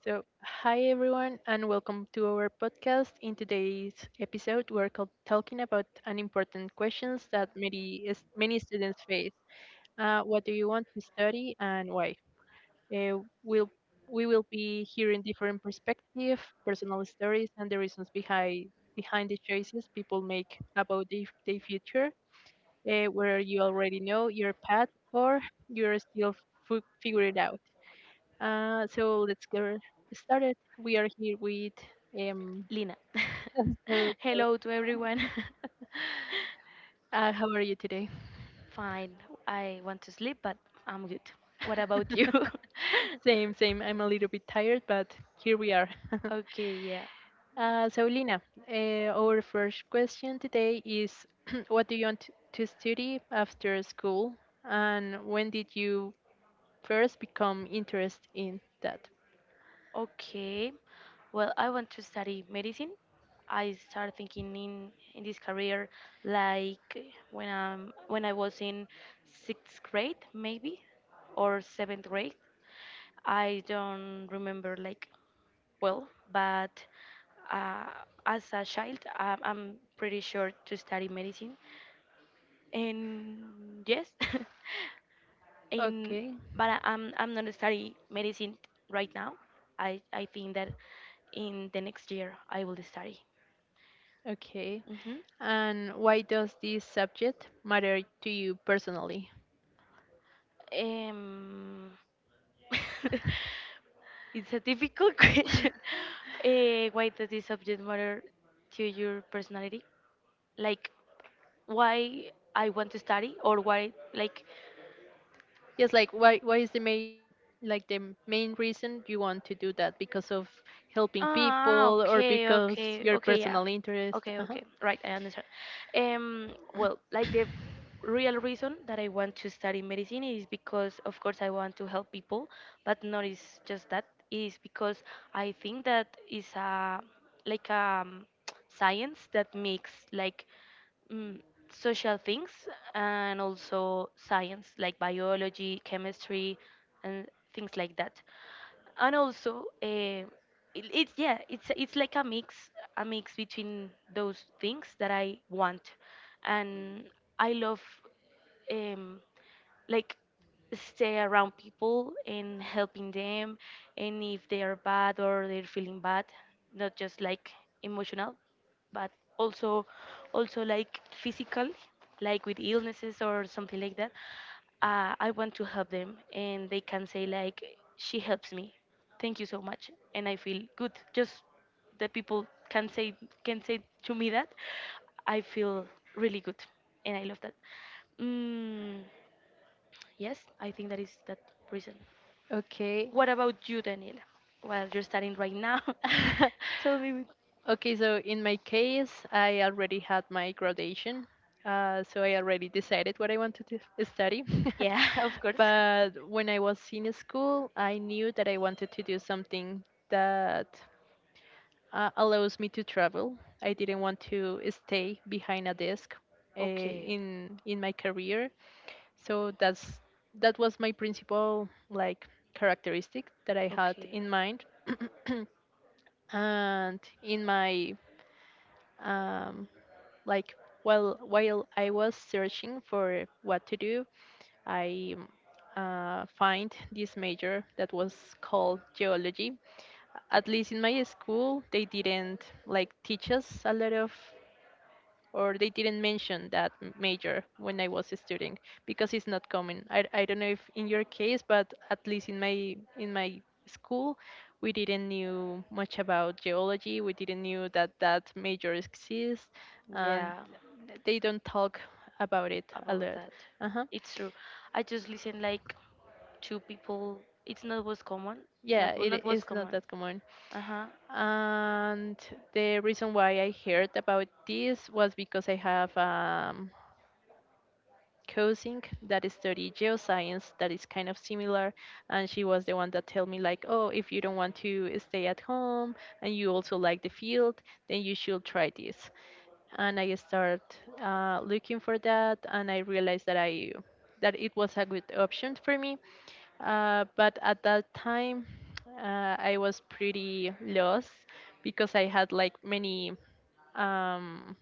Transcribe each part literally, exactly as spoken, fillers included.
So, hi everyone, and welcome to our podcast. In today's episode, we're cal- talking about an important questions that many is- many students face. Uh, what do you want to study and why? Uh, we'll we will be hearing different perspectives, personal stories, and the reasons behind behind the choices people make about their their future, uh, where you already know your path or you're still f- figuring it out. Uh, so let's get started. We are here with um. Lina. So, Hello to everyone. uh, how are you today? Fine. I want to sleep, but I'm good. What about you? Same, same. I'm a little bit tired, but here we are. Okay, yeah. Uh, so, Lina, uh, our first question today is: What do you want to study after school, and when did you first become interested in that? Okay. Well, I want to study medicine. I started thinking in, in this career, like when I'm when I was in sixth grade, maybe, or seventh grade. I don't remember, like, well, but uh, as a child, um, I'm pretty sure to study medicine. And yes, in Okay, but I- I'm I'm not study medicine right now. I I think that in the next year I will study. okay. Hmm. And why does this subject matter to you personally? Um, it's a difficult question. Uh, why does this subject matter to your personality? Like, why I want to study, or why, like, Yes, like why why is the main like the main reason you want to do that, because of helping Ah, people or okay, because okay, your okay, yeah. personal interest? Okay, Uh-huh. okay, right, I understand. Um, well, like, the real reason that I want to study medicine is because, of course, I want to help people, but not is just that. Is because I think that is a like a um, science that makes like, mm, social things, and also science like biology, chemistry, and things like that, and also uh, it, it's yeah, it's it's like a mix a mix between those things that I want, and I love, um like, stay around people and helping them, and if they are bad or they're feeling bad, not just like emotional, but also also like physical, like with illnesses or something like that. uh, I want to help them, and they can say like, "She helps me. Thank you so much," and I feel good. Just the people can say, can say to me that I feel really good, and I love that. Mm, yes, I think that is that reason. Okay. What about you, Daniela? While you're studying right now, tell me. Okay, so in my case, I already had my graduation. Uh, so I already decided what I wanted to study. Yeah, of course. But when I was in school, I knew that I wanted to do something that uh, allows me to travel. I didn't want to stay behind a desk, uh, Okay. in in my career, so that's that was my principal, like, characteristic that I had Okay. in mind. and in my um, like while while I was searching for what to do, I uh, find this major that was called geology. At least in my school, they didn't like teach us a lot of, or they didn't mention that m- major when I was studying, because it's not common. I, I don't know if in your case, but at least in my in my school, we didn't knew much about geology. We didn't knew that that major exists, and Yeah, they don't talk about it a about lot. that. Uh-huh. It's true. I just listen like two people. It's not what's common. Yeah, Not wha- not it what's is not common. that common. Uh huh. And the reason why I heard about this was because I have um, cousin that studied geoscience that is kind of similar, and she was the one that told me, like, oh, if you don't want to stay at home and you also like the field, then you should try this. And I started uh, looking for that, and I realized that i that it was a good option for me. Uh, but at that time, uh, i was pretty lost because I had like many um,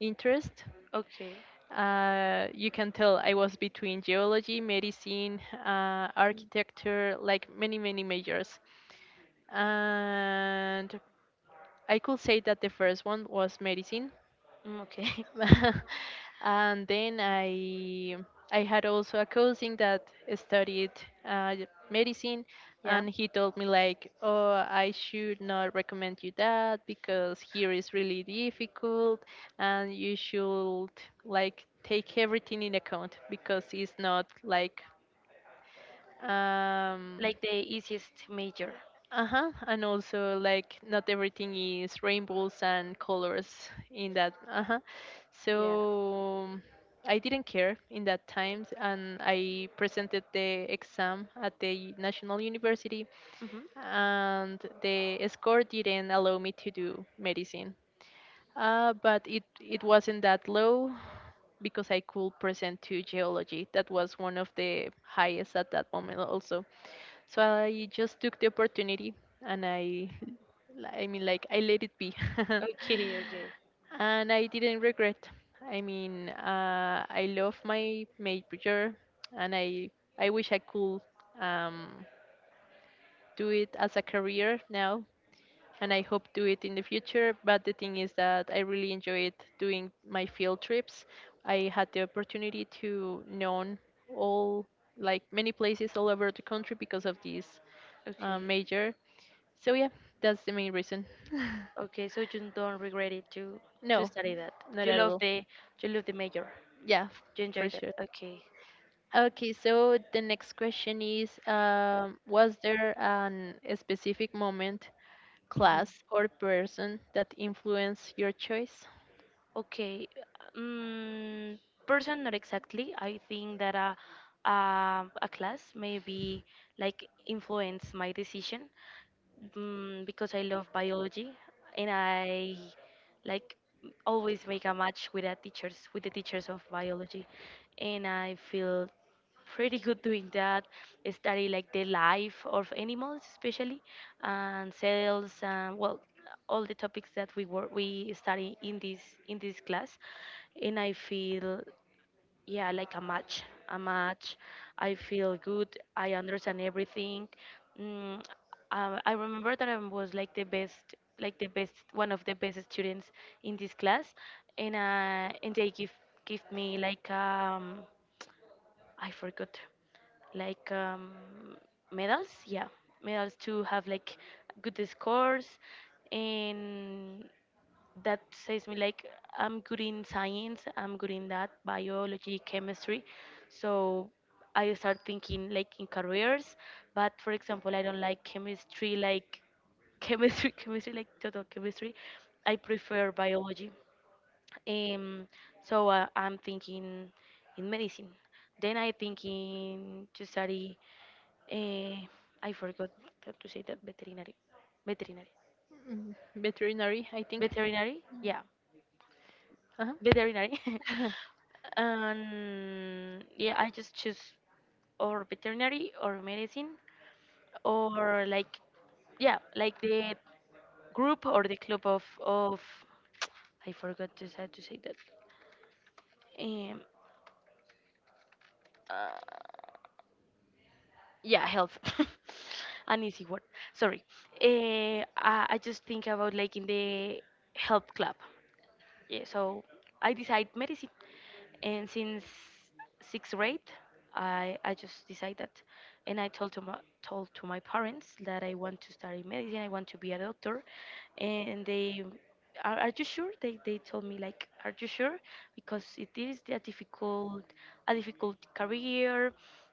interest. Okay. Uh, you can tell I was between geology, medicine, uh, Mm. architecture, like many, many majors. And I could say that the first one was medicine, Mm. Okay. and then I I had also a cousin that studied uh, medicine, Yeah. and he told me, like, oh, I should not recommend you that because here is really difficult, and you should, like, take everything in account, because it's not like, um, Like the easiest major. uh huh. And also, like, not everything is rainbows and colors in that. Uh huh. Yeah. So I didn't care in that times, and I presented the exam at the national university, Hmm. and the score didn't allow me to do medicine. Uh, but it it wasn't that low because I could present to geology. That was one of the highest at that moment also. So I just took the opportunity, and I I mean, like, I let it be. Okay, okay, And I didn't regret. I mean, uh, I love my major, and I I wish I could um, do it as a career now, and I hope do it in the future, but the thing is that I really enjoyed doing my field trips. I had the opportunity to know all, like, many places all over the country because of this uh, okay, major. So yeah, that's the main reason. okay. So you don't regret it to to No, study that. not You at love all. the you love the major. Yeah, f- You for enjoy that. sure. Okay. Okay, so the next question is, um, was there an a specific moment, Hmm. class, or person that influenced your choice? Okay. Um, Person, not exactly. I think that a, a, a class, maybe, like influence my decision. Mm, because I love biology, and I like always make a match with the teachers, with the teachers of biology, and I feel pretty good doing that. I study like the life of animals especially, and cells, and well, all the topics that we work we study in this, in this class, and I feel, yeah, like a match, a match I feel good, I understand everything. mm, uh, I remember that I was like the best, like the best one of the best students in this class. And uh, and they give give me, like, um I forgot, like, um, medals. Yeah, medals, to have like good scores, and that says me like, I'm good in science. I'm good in that, biology, chemistry. So I start thinking like in careers. But for example, I don't like chemistry. Like, chemistry, chemistry, like total chemistry. I prefer biology. Um, so uh, I'm thinking in medicine. Then I thinking to study. Uh, I forgot how to say that, veterinary, veterinary, Mm, veterinary, I think. veterinary. Yeah, veterinary. Uh-huh. And yeah, I just choose or veterinary or medicine, or like, yeah, like the group or the club of of I forgot to say, to say that. Um, uh, yeah, health an easy word, sorry. uh, I, I just think about like in the health club. Yeah, so I decide medicine, and since sixth grade i i just decide that, and I told to my told to my parents that I want to study medicine, I want to be a doctor. And they are are you sure?" They they told me like, "Are you sure? Because it is a difficult, a difficult career."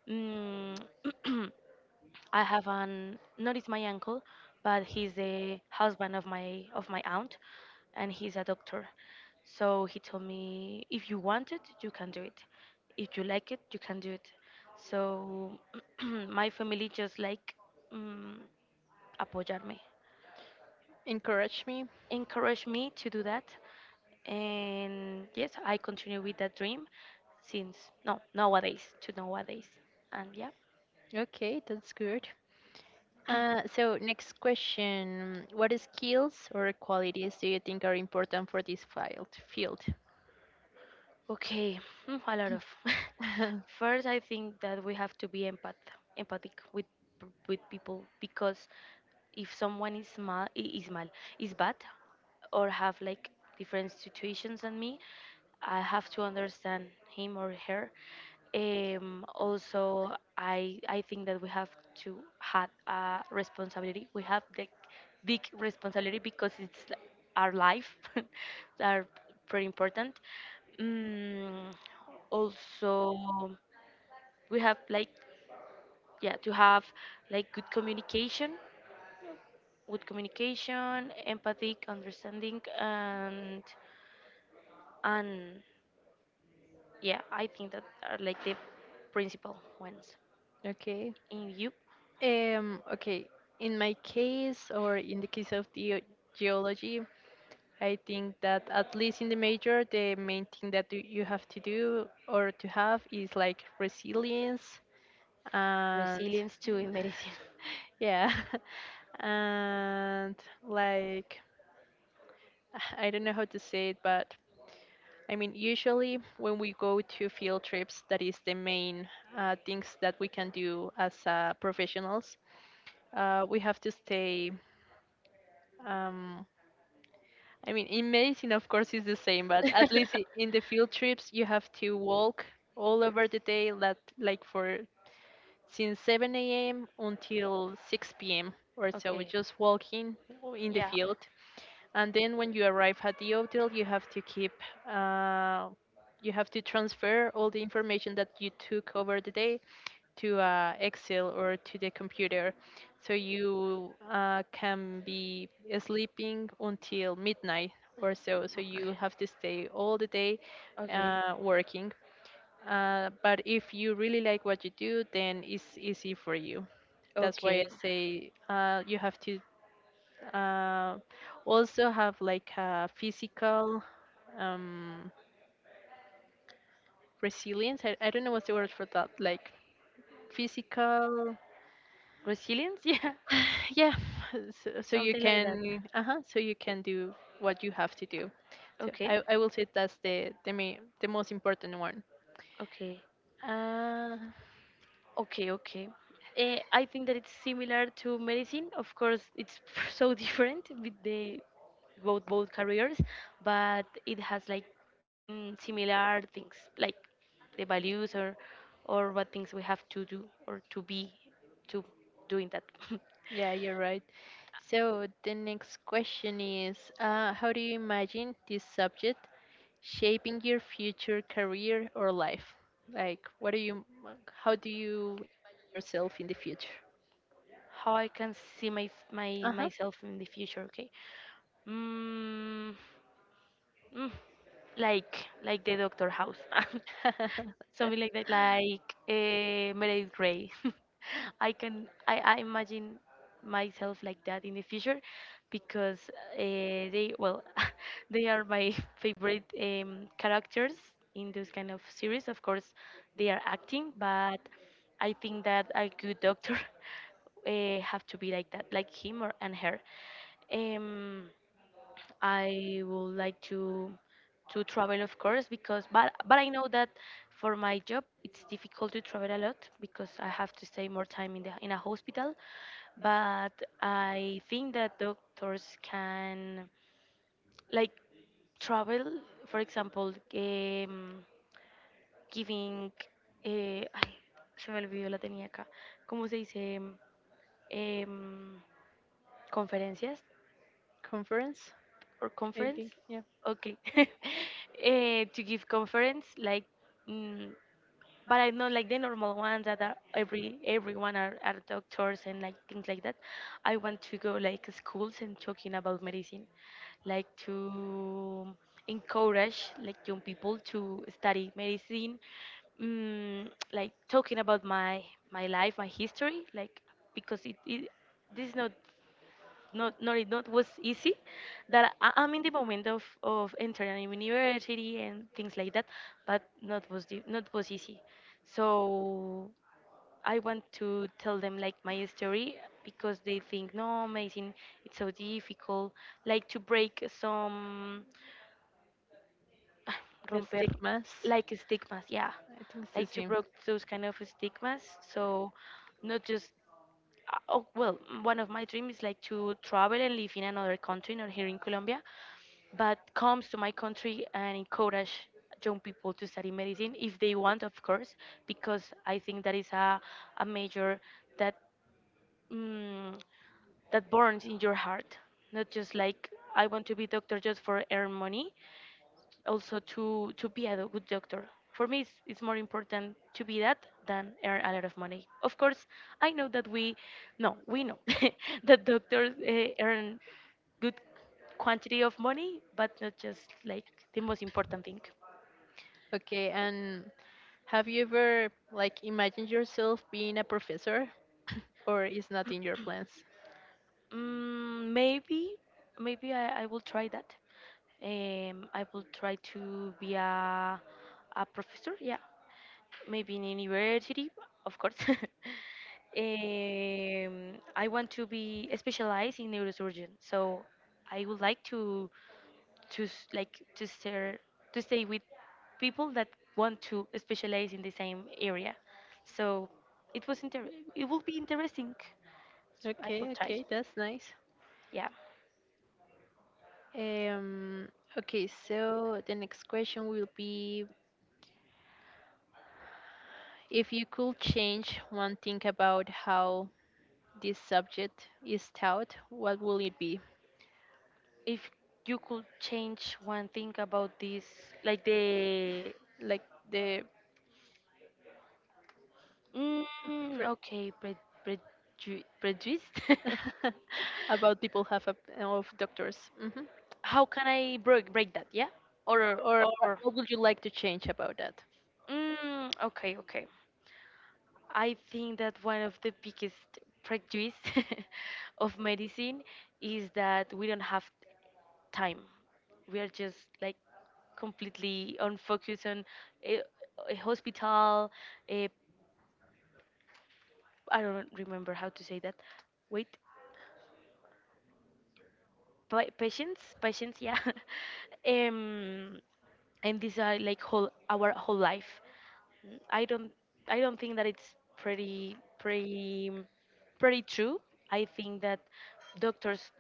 mm, I have an not, it's my uncle, but he's the husband of my of my aunt, and he's a doctor. So he told me, if you want it, you can do it. If you like it, you can do it. So my family just like, mm, apoyarme, Encourage me. encourage me to do that, and yes, I continue with that dream since no nowadays to nowadays, and yeah. Okay, that's good. Uh, so next question, what skills or qualities do you think are important for this field? Field. Okay. Hmm, a lot of. First, I think that we have to be empath, empathic with p- with people, because if someone is mal, is mal, is bad, or have like different situations than me, I have to understand him or her. Um, also, I I think that we have to have a responsibility. We have the big responsibility because it's li- our life that are pretty important. Mm, Also, we have like, yeah, to have like good communication, good communication, empathic understanding, and and yeah, I think that are like the principal ones. Okay. In you. Um, okay. In my case, or in the case of the geology, I think that at least in the major, the main thing that do- you have to do or to have is like resilience, and Resilience, to, in medicine. yeah, and, like, I don't know how to say it, but I mean, usually when we go to field trips, that is the main uh, things that we can do as uh, professionals, uh, we have to stay. Um, I mean, in medicine, of course, it's the same, but at least i- in the field trips, you have to walk all over the day, that, like, for since seven a m until six p m or so, Okay. just walking in the Yeah. field. And then when you arrive at the hotel, you have to keep, uh, you have to transfer all the information that you took over the day to uh, Excel or to the computer. So you uh, can be sleeping until midnight or so. So Okay. you have to stay all the day Okay. uh, working. Uh, but if you really like what you do, then it's easy for you. That's why I Okay. say, uh, you have to, uh, also have like a physical um, resilience. I, I don't know what's the word for that. Like physical, Resilience? Yeah, yeah, so, so you something like that. can, uh-huh, so you can do what you have to do, so Okay, i, I will say that's the the, main, the most important one. okay, uh okay, okay. Uh, I think that it's similar to medicine. Of course, it's so different with the both both careers, but it has like, mm, similar things, like the values, or or what things we have to do or to be to doing that. yeah, you're right. So the next question is, uh how do you imagine this subject shaping your future career or life, like, what do you how do you imagine yourself in the future? How I can see my f- my Uh-huh. myself in the future? Okay. Mm. mm, like like the Doctor House, something like that, like uh, Meredith Grey. I can I, I imagine myself like that in the future because uh, they well, they are my favorite um, characters in those kind of series. Of course, they are acting, but I think that a good doctor uh, have to be like that, like him or and her. Um, I would like to to travel, of course, because, but but I know that for my job it's difficult to travel a lot, because I have to stay more time in the in a hospital. But I think that doctors can like travel, for example, em, giving, eh, ay, se me olvidó la tenía acá, ¿cómo se dice? Em, conferencias Conference, or I conference, think, yeah, okay. Eh, to give conference, like, mm, but I know like the normal ones that are every everyone are, are doctors, and like things like that. I want to go like schools and talking about medicine, like to encourage like young people to study medicine, mm, like talking about my my life, my history, like, because it, it this is not not not it not was easy, that I, I'm in the moment of of entering university and things like that, but not was the, not was easy. So I want to tell them like my story, because they think no amazing, it's so difficult, like to break some the romper, stigmas. like stigmas. Yeah, I think it's the like to same. break those kind of stigmas. So not just uh, oh, well, m- one of my dreams is like to travel and live in another country, not here in Colombia, but comes to my country and encourage young people to study medicine, if they want, of course, because I think that is a, a major that mm, that burns in your heart. Not just like, I want to be doctor just for earn money, also to to be a do- good doctor. For me, it's, it's more important to be that than earn a lot of money. Of course, I know that we, no, we know that doctors uh, earn good quantity of money, but not just like the most important thing. Okay, and have you ever, like, imagined yourself being a professor, or is not in your plans? Mm, maybe, maybe, I, I will try that. Um, I will try to be a a professor. Yeah, maybe in university, of course. um, I want to be specialized in neurosurgeon, so I would like to to s- like to stay to stay with people that want to specialize in the same area. So it was inter- it would be interesting. I Okay, could try. okay, that's nice. Yeah. Um, okay, so the next question will be, if you could change one thing about how this subject is taught, what will it be? If you could change one thing about this, like the Like the Mm, pre- okay, pre pre prejudiced. about people have a, of doctors. Hmm. How can I break break that? Yeah, or Or what, or what would you like to change about that? mm, okay, okay. I think that one of the biggest prejudice of medicine is that we don't have time. We are just like completely unfocused on a, a hospital. A, I don't remember how to say that. Wait. pa- patience patience yeah um and these are like whole our whole life. Mm, i don't i don't think that it's pretty pretty pretty true. I think that doctors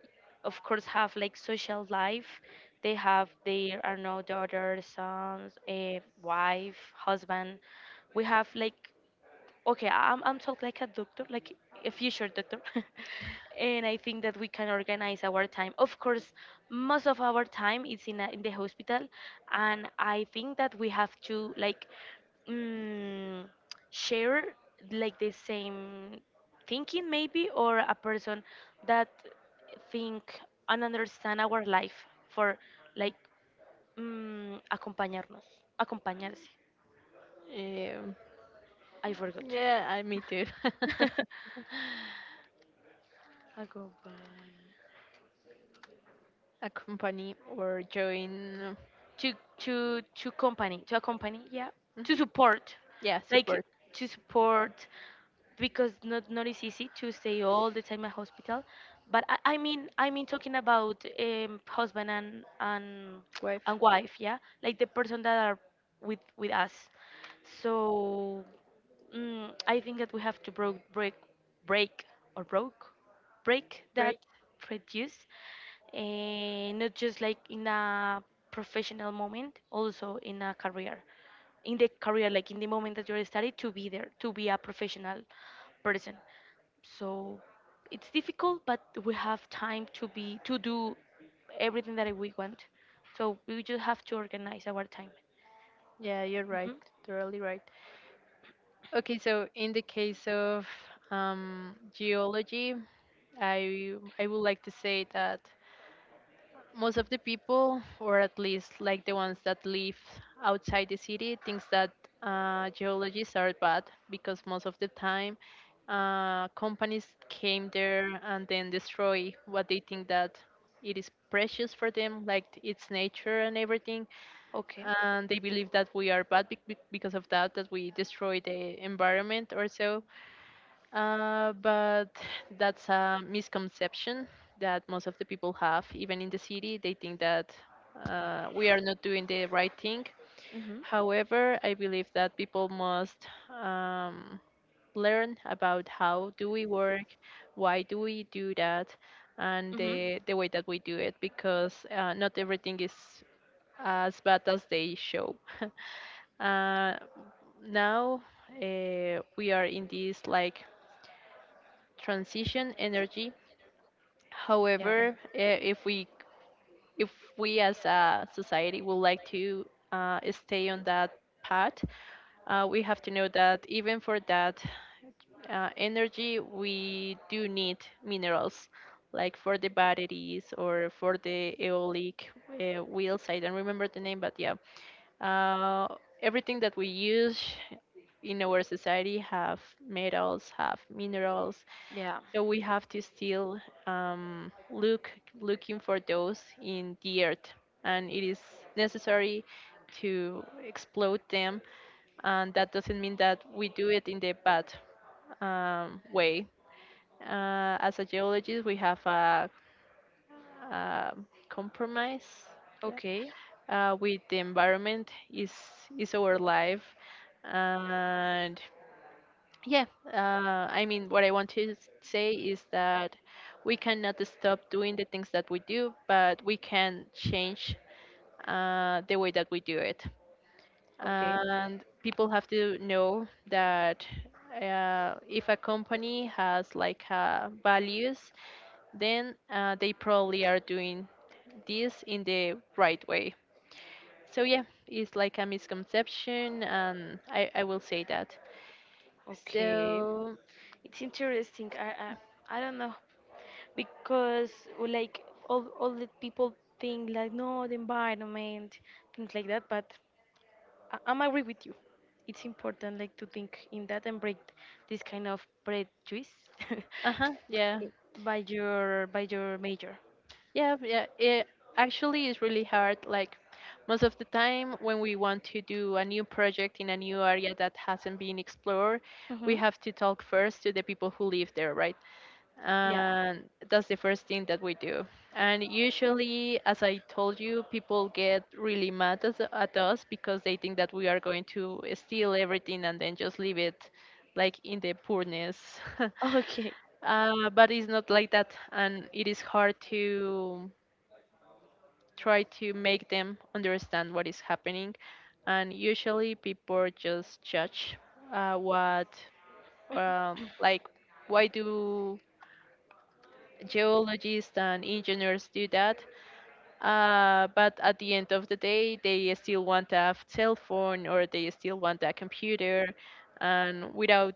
of course have like social life. They have their, I don't know, daughter, sons, a wife, husband. We have like, okay, i'm, I'm talking like a doctor, like a future doctor. And I think that we can organize our time. Of course, most of our time is in, a, in the hospital, and I think that we have to like, mm, share like the same thinking, maybe, or a person that think and understand our life, for like, mm, acompañarnos acompañarse. Um, I forgot. yeah, I me too. A company. A company or join. To to to company, to a company, yeah. To Mhm. support, Yeah, like support, to support, because not, not is easy to stay all the time at hospital. But I, I mean I mean talking about um, husband and and wife. and wife, yeah, like the person that are with with us. So mm, I think that we have to broke break break or broke break that Right? prejudice, and not just like in a professional moment, also in a career, in the career, like in the moment that you're studying to be there, to be a professional person. So it's difficult, but we have time to be, to do everything that we want. So we just have to organize our time. Yeah, you're right. Hmm. Totally right. Okay, so in the case of um, geology, I I would like to say that most of the people, or at least like the ones that live outside the city, thinks that uh, geologists are bad, because most of the time uh, companies came there and then destroy what they think that it is precious for them, like its nature and everything. Okay. And they believe that we are bad bec- bec- because of that, that we destroy the environment or so. Uh, but that's a misconception that most of the people have, even in the city. They think that uh, we are not doing the right thing. Hmm. However, I believe that people must um, learn about how do we work, why do we do that, and Hmm. the, the way that we do it, because uh, not everything is as bad as they show. uh, Now, uh, we are in this, like, transition energy. Yeah. However, eh, if we if we as a society would like to uh, stay on that path, uh, we have to know that even for that uh, energy, we do need minerals, like for the batteries or for the eolic uh, wheels. I don't remember the name, but yeah, uh, everything that we use in our society have metals, have minerals, Yeah. so we have to still um, look looking for those in the earth, and it is necessary to explode them. And that doesn't mean that we do it in the bad um, way. Uh, as a geologist, we have a, a compromise Okay, uh, with the environment. is is our life, and yeah, uh, I mean, what I want to s- say is that we cannot stop doing the things that we do, but we can change uh, the way that we do it. okay, And people have to know that, uh, if a company has, like, uh, values, then uh, they probably are doing this in the right way. So yeah, it's like a misconception, and I, I will say that. okay. So, It's interesting. I I, I don't know because uh, like all all the people think like, no, the environment, things like that. But I, I'm agree with you. It's important like to think in that and break this kind of prejudice. uh huh, yeah. by your by your major. Yeah, yeah. It actually is really hard. Like, most of the time, when we want to do a new project in a new area that hasn't been explored, Mm-hmm. we have to talk first to the people who live there, right? Yeah. And that's the first thing that we do. And usually, as I told you, people get really mad at, at us, because they think that we are going to steal everything and then just leave it like in the poorness. Okay. Uh, but it's not like that, and it is hard to try to make them understand what is happening. And usually people just judge uh, what, um, like, why do geologists and engineers do that? Uh, but at the end of the day, they still want a cell phone or they still want a computer. And without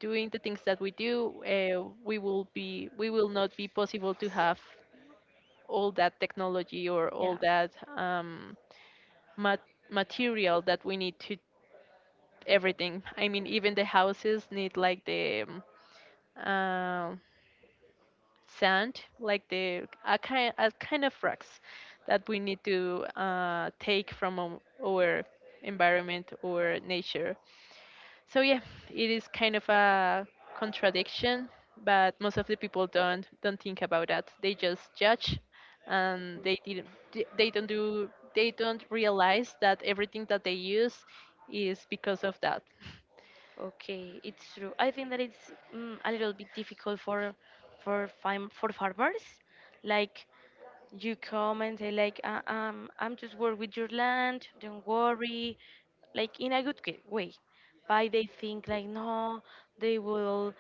doing the things that we do, uh, we will be we will not be possible to have all that technology or Yeah. all that um, ma- material that we need to everything. I mean, even the houses need like the um, uh, sand, like the a kind a kind of rocks that we need to uh, take from um, our environment or nature, so yeah, it is kind of a contradiction, but most of the people don't don't think about that. They just judge, and they didn't they they don't do they don't realize that everything that they use is because of that, Okay, it's true. I think that it's mm, a little bit difficult for for farm for farmers, like you come and say like uh, um I'm just work with your land, don't worry, like in a good g- way, but they think like, no, they will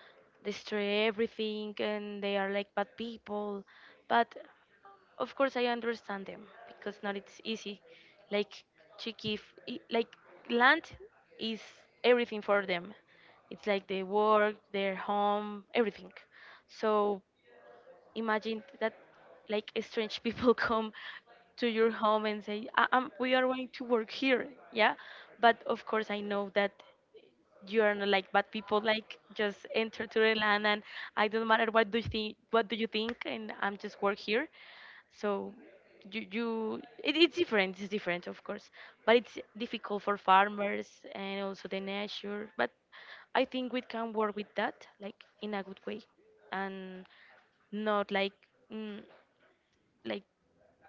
destroy everything and they are like bad people. But of course I understand them, because not it's easy, like to give, i- like land is everything for them. It's like their work, their home, everything. So imagine that, like, strange people come to your home and say, I- i we are going to work here, yeah. But of course, I know that you are not like bad people, like just enter to the land and I don't matter what do you think, what do you think, and I'm just work here. So you you it, it's different, it's different, of course. But it's difficult for farmers and also the nature. But I think we can work with that, like in a good way, and not like mm, like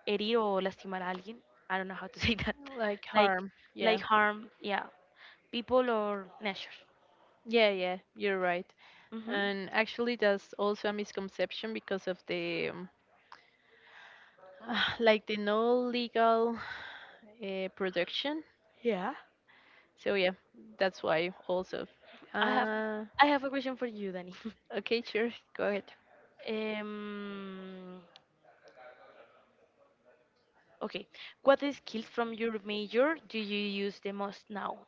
herir o lastimar a alguien. I don't know how to say that. like Like harm. Yeah, like harm, yeah, people or nature. yeah, yeah. You're right. Mm-hmm. And actually, that's also a misconception because of the um, like the no legal uh, production. Yeah. So yeah, that's why also. I have Uh, I have a question for you, Danny. okay, sure, go ahead. um okay. What skills from your major do you use the most now?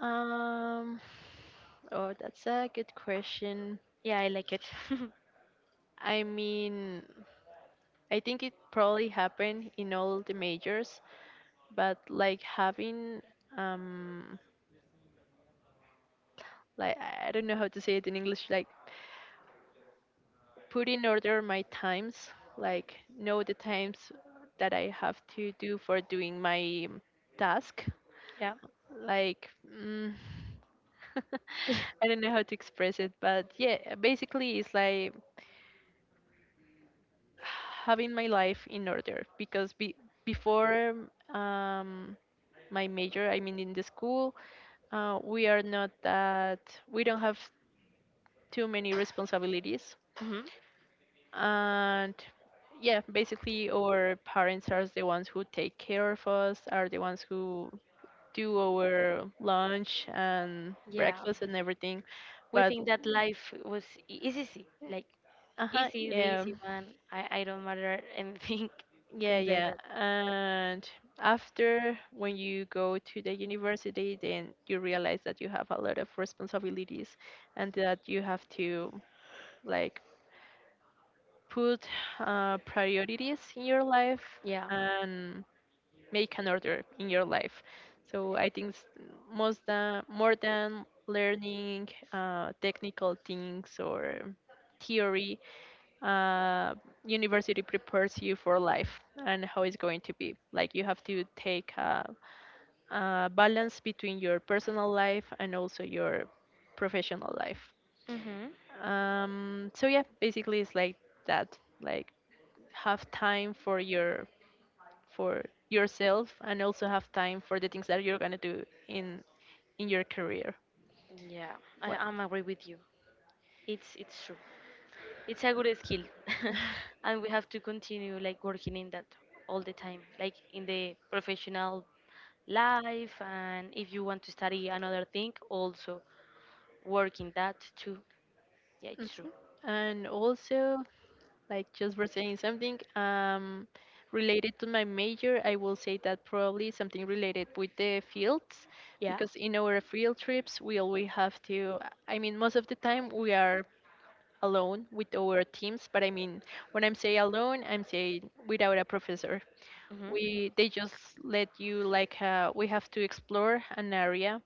Um, oh, that's a good question. Yeah, I like it. I mean, I think it probably happened in all the majors, but like having um, like I I don't know how to say it in English, like put in order my times, like know the times that I have to do for doing my task Yeah. like mm, I don't know how to express it, but yeah, basically it's like having my life in order because be, before um, my major, I mean in the school, uh, we are not that we don't have too many responsibilities, Mm-hmm. and yeah, basically our parents are the ones who take care of us, are the ones who do our lunch and Yeah. breakfast and everything, We but think that life was e- is easy. Like Uh-huh, easy, the yeah. easy one. I, I don't matter anything. Yeah, Things like yeah. that. And after when you go to the university, then you realize that you have a lot of responsibilities and that you have to like put uh, priorities in your life Yeah. and make an order in your life. So I think s- most than, more than learning uh, technical things or theory, uh, university prepares you for life and how it's going to be. Like you have to take a, a balance between your personal life and also your professional life. Mm-hmm. Um, so yeah, basically it's like that. Like have time for your for yourself and also have time for the things that you're gonna do in in your career. Yeah. I, What? I'm agree with you. It's it's true. It's a good skill, and we have to continue like working in that all the time, like in the professional life, and if you want to study another thing, also work in that too. Yeah, it's true. Mhm. And also, like just for saying something um, related to my major, I will say that probably something related with the fields, Yeah. because in our field trips we always have to. I mean, most of the time we are alone with our teams, but I mean, when I'm saying alone, I'm saying without a professor. Hmm. We they just let you like uh, we have to explore an area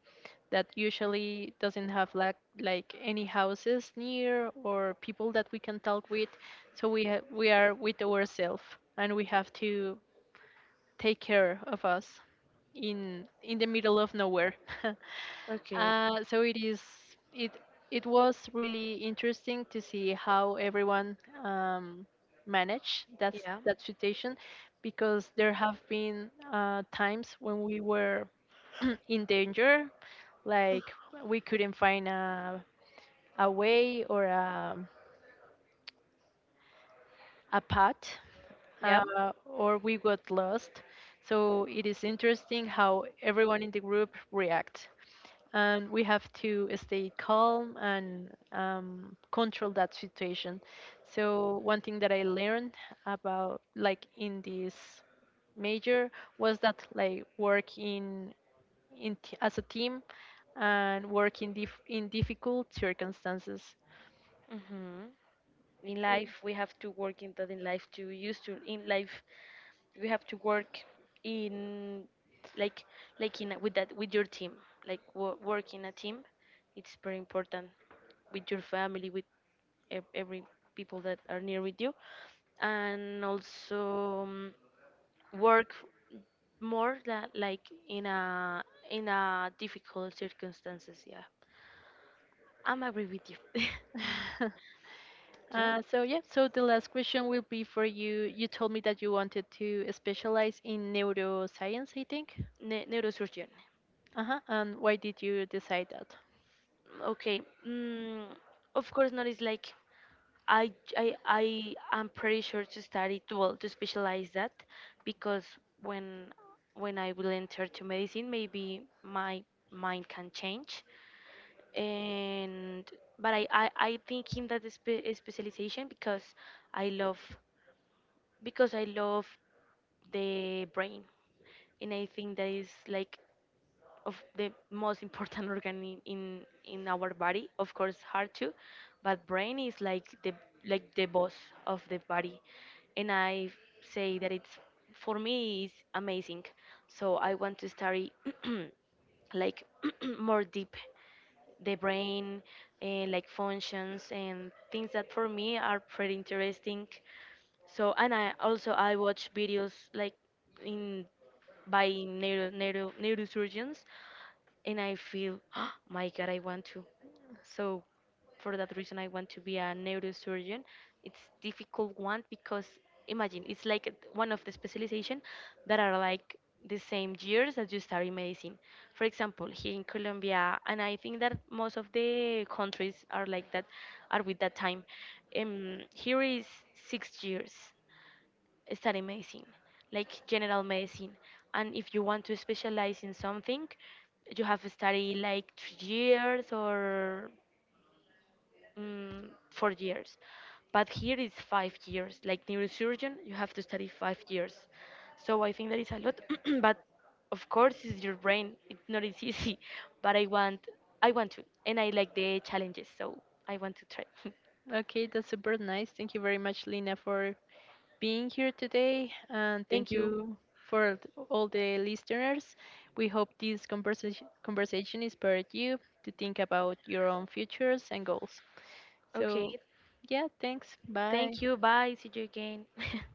that usually doesn't have like like any houses near or people that we can talk with, so we ha- we are with ourselves and we have to take care of us in in the middle of nowhere. Uh, so it is it it was really interesting to see how everyone um, managed that s- that situation because there have been uh, times when we were in danger, like we couldn't find a a way or a a path, uh, or we got lost. So it is interesting how everyone in the group reacts, and we have to stay calm and um, control that situation. So one thing that I learned about, like in this major, was that like work in, in t- as a team and work in dif- in difficult circumstances. Hmm. In life, we have to work in that. In life, to use to, in life, we have to work in, like like in a, with that, with your team. Like wo- work in a team, it's very important, with your family, with ev- every people that are near with you, and also um, work more that like in a, in a difficult circumstances. Yeah, I'm agree with you. Yeah, Uh, so yeah, so the last question will be for you. You told me that you wanted to specialize in neuroscience, I think. ne- neurosurgeon. Uh-huh. And why did you decide that? Okay. Mm, of course, not. It's like I, I, I am pretty sure to study, to, well, to specialize that, because when when I will enter to medicine, maybe my mind can change. And but I, I, I think in that spe- specialization, because I love because I love the brain, and I think that is like of the most important organ in, in in our body. Of course, heart too, but brain is like the, like the boss of the body. And I say that it's, for me is amazing. So I want to study like more deep the brain, and like functions and things that for me are pretty interesting. So, and I also I watch videos like in by neuro, neuro neurosurgeons, and I feel, oh my God, I want to. So for that reason, I want to be a neurosurgeon. It's difficult one because, imagine, it's like one of the specialization that are like the same years that you study medicine. For example, here in Colombia, and I think that most of the countries are like that, are with that time. Um, here is six years study medicine, like general medicine. And if you want to specialize in something, you have to study like three years or mm, four years. But here is five years. Like neurosurgeon, you have to study five years. So I think that is a lot. But of course, it's your brain. It's not as easy. But I want, I want to, and I like the challenges. So I want to try. Okay, that's super nice. Thank you very much, Lina, for being here today, and thank Thank you. you for th- all the listeners. We hope this conversation conversation inspired you to think about your own futures and goals. Okay. So, yeah, thanks. Bye. Thank you. Bye. See you again.